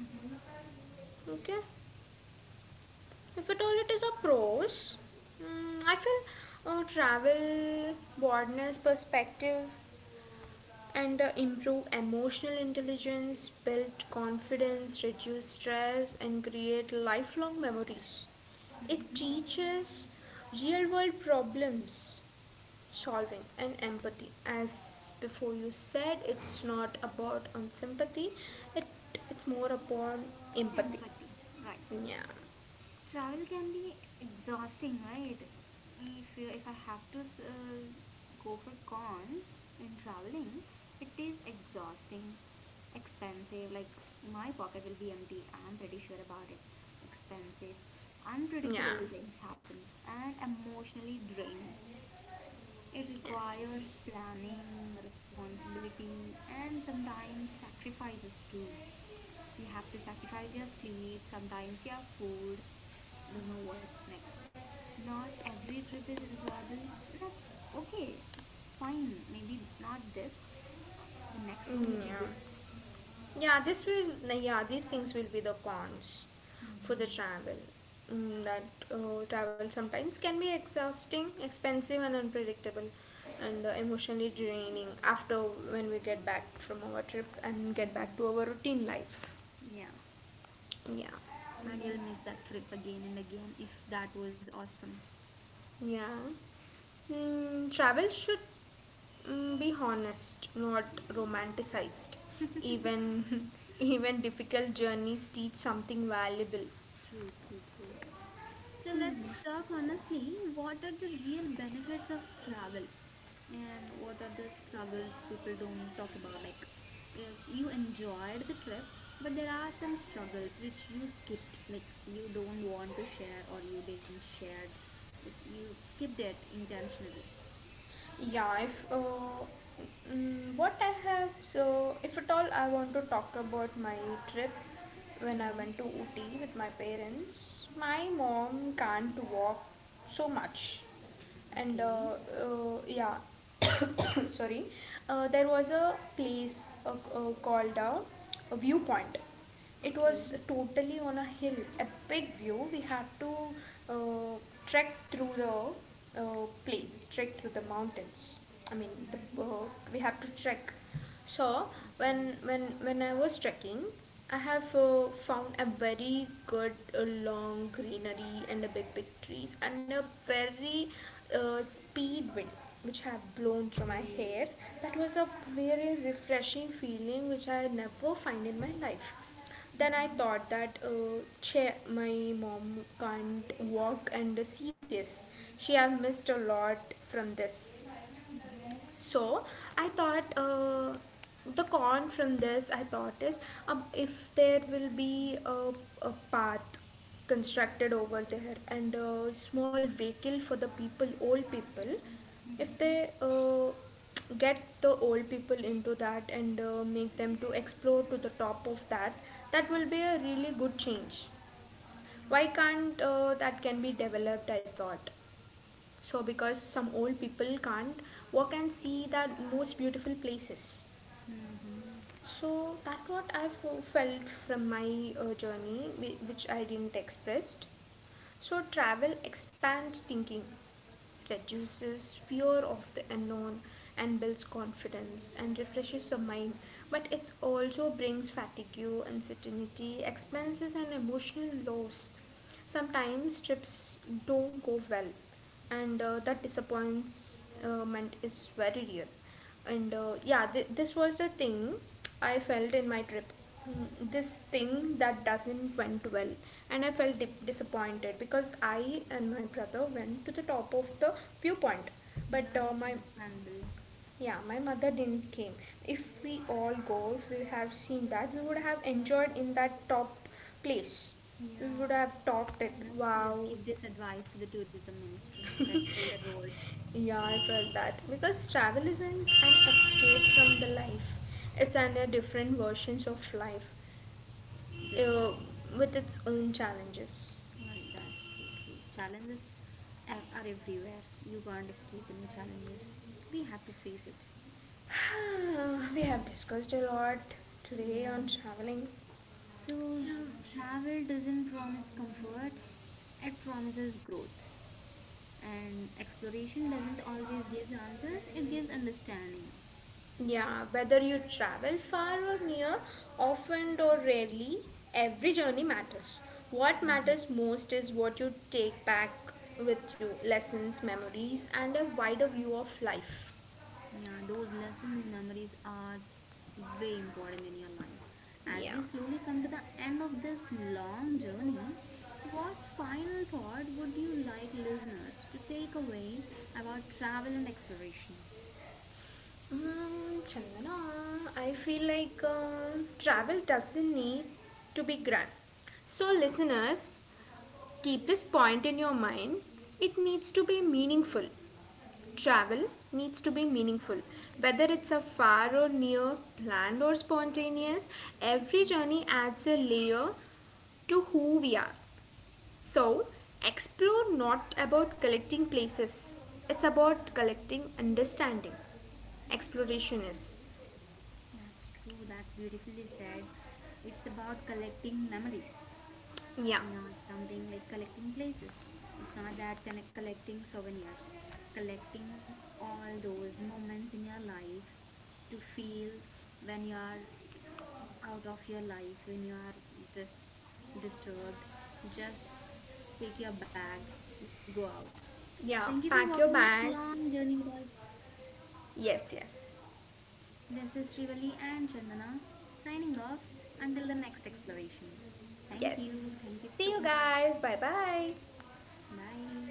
A: Mm-hmm.
B: Okay, if at all it is a pros, mm, I feel travel broadness perspective and improve emotional intelligence, build confidence, reduce stress, and create lifelong memories. It
A: Mm-hmm.
B: teaches real world problems solving and empathy, as before you said it's not about on sympathy, it it's more upon empathy.
A: Empathy. Right.
B: Yeah.
A: Travel can be exhausting, right? If you- if I have to uh, go for cons in traveling, it is exhausting, expensive. Like my pocket will be empty. I am pretty sure about it. Expensive,
B: Yeah.
A: unpredictable things happen, and emotionally draining. It
B: Yes.
A: requires planning, responsibility, and sometimes sacrifices too. You have to sacrifice your sleep, sometimes your food, don't know what next. Not every trip is enjoyable. That's okay, it's fine. Maybe not this, the next one will be
B: Yeah,
A: good.
B: yeah, this will, yeah, these things will be the cons for the
A: Hmm.
B: travel. Mm, that travel sometimes can be exhausting expensive and unpredictable, and emotionally draining after when we get back from our trip and get back to our routine life.
A: Yeah,
B: Yeah.
A: and you'll miss that trip again and again if that was awesome.
B: Yeah. Mm, travel should mm, be honest, not romanticized. Even even difficult journeys teach something valuable.
A: True, true, true. So let's talk honestly. What are the real benefits of travel, and what are the struggles people don't talk about? Like, you enjoyed the trip, but there are some struggles which you skipped, like you don't want to share or you didn't share, like you skipped it intentionally.
B: Yeah, if mm, what I have, so if at all I want to talk about my trip when I
A: Mm-hmm.
B: went to Ooty with my parents, my mom can't walk so much,
A: Okay.
B: and yeah, sorry, there was a place called a viewpoint. It
A: Okay.
B: was totally on a hill, a big view. We had to uh, trek through the plain, trek through the mountains. I mean
A: Mm-hmm.
B: we have to trek. So
A: Okay.
B: when when I was trekking, I have found a very good long greenery and a big trees and a very speed wind which had blown through my
A: Okay.
B: hair. That was a very refreshing feeling which I never find in my life. Then I
A: Mm-hmm.
B: thought that my mom can't walk and see this. She have missed a lot from this.
A: Mm-hmm.
B: So I thought the con from this I thought is if there will be a path constructed over there and a small vehicle for the people, old people, if
A: Mm-hmm.
B: they get the old people into that and make them to explore to the top of that, that will be a really good change. Why can't that can be developed? I thought. So, because some old people can't walk and see the most beautiful places.
A: Mm-hmm.
B: So that what I felt from my journey, which I didn't expressed. So travel expands thinking, reduces fear of the unknown, and builds confidence and refreshes the mind. But it also brings fatigue, uncertainty, expenses, and emotional loss. Sometimes trips don't go well, and that disappointment is very real. And yeah, this was the thing I felt in my trip. Mm, this thing that doesn't went well, and I felt disappointed because I and my brother went to the top of the viewpoint, but
A: Yeah, that's
B: my
A: understandable.
B: yeah, my mother didn't came. If we all go, if we have seen that, we would have enjoyed in that top place. We
A: Yeah.
B: would have topped it.
A: No, let's
B: Wow.
A: give this advice to the tourism ministry. Let's build a road.
B: Yeah, I felt that because travel isn't an escape from the life. It's an a different versions of life,
A: That
B: uh,
A: sounds
B: with its own
A: right.
B: challenges.
A: Right, that's true, true. Challenges a- are everywhere. You can't escape any challenges. We have to face it.
B: We have discussed a lot today
A: Yeah.
B: on traveling.
A: So, travel doesn't promise comfort, it promises growth. And exploration doesn't always give answers, it gives understanding.
B: Yeah, whether you travel far or near, often or rarely, every journey matters. What matters most is what you take back with you lessons, memories, and a wider view of life.
A: Yeah, those lessons, memories are way important in your life. As
B: Yeah.
A: we slowly come to the end of this long journey, what final thought would you like listeners to take away about travel and exploration?
B: Mm, Chandana, I feel like travel doesn't need to be grand. So, listeners, keep this point in your mind. It needs to be meaningful. Travel needs to be meaningful. Whether it's a far or near, planned or spontaneous, every journey adds a layer to who we are. So, explore not about collecting places, it's about collecting understanding. Exploration is.
A: That's true, that's beautifully said. It's about collecting memories.
B: Yeah,
A: Not something like collecting places. It's not that connect collecting souvenirs, collecting all those moments in your life to feel when you are out of your life, when you are just disturbed. Just pick your bag, go out. Thank you for
B: yeah.
A: walking this
B: Pack your
A: long journey with
B: bags.
A: us.
B: Yes, yes,
A: This is Srivali and Chandana signing off until the next exploration. Thank you. Thank you
B: yes.
A: so
B: See you
A: much.
B: guys. Bye bye.
A: Bye.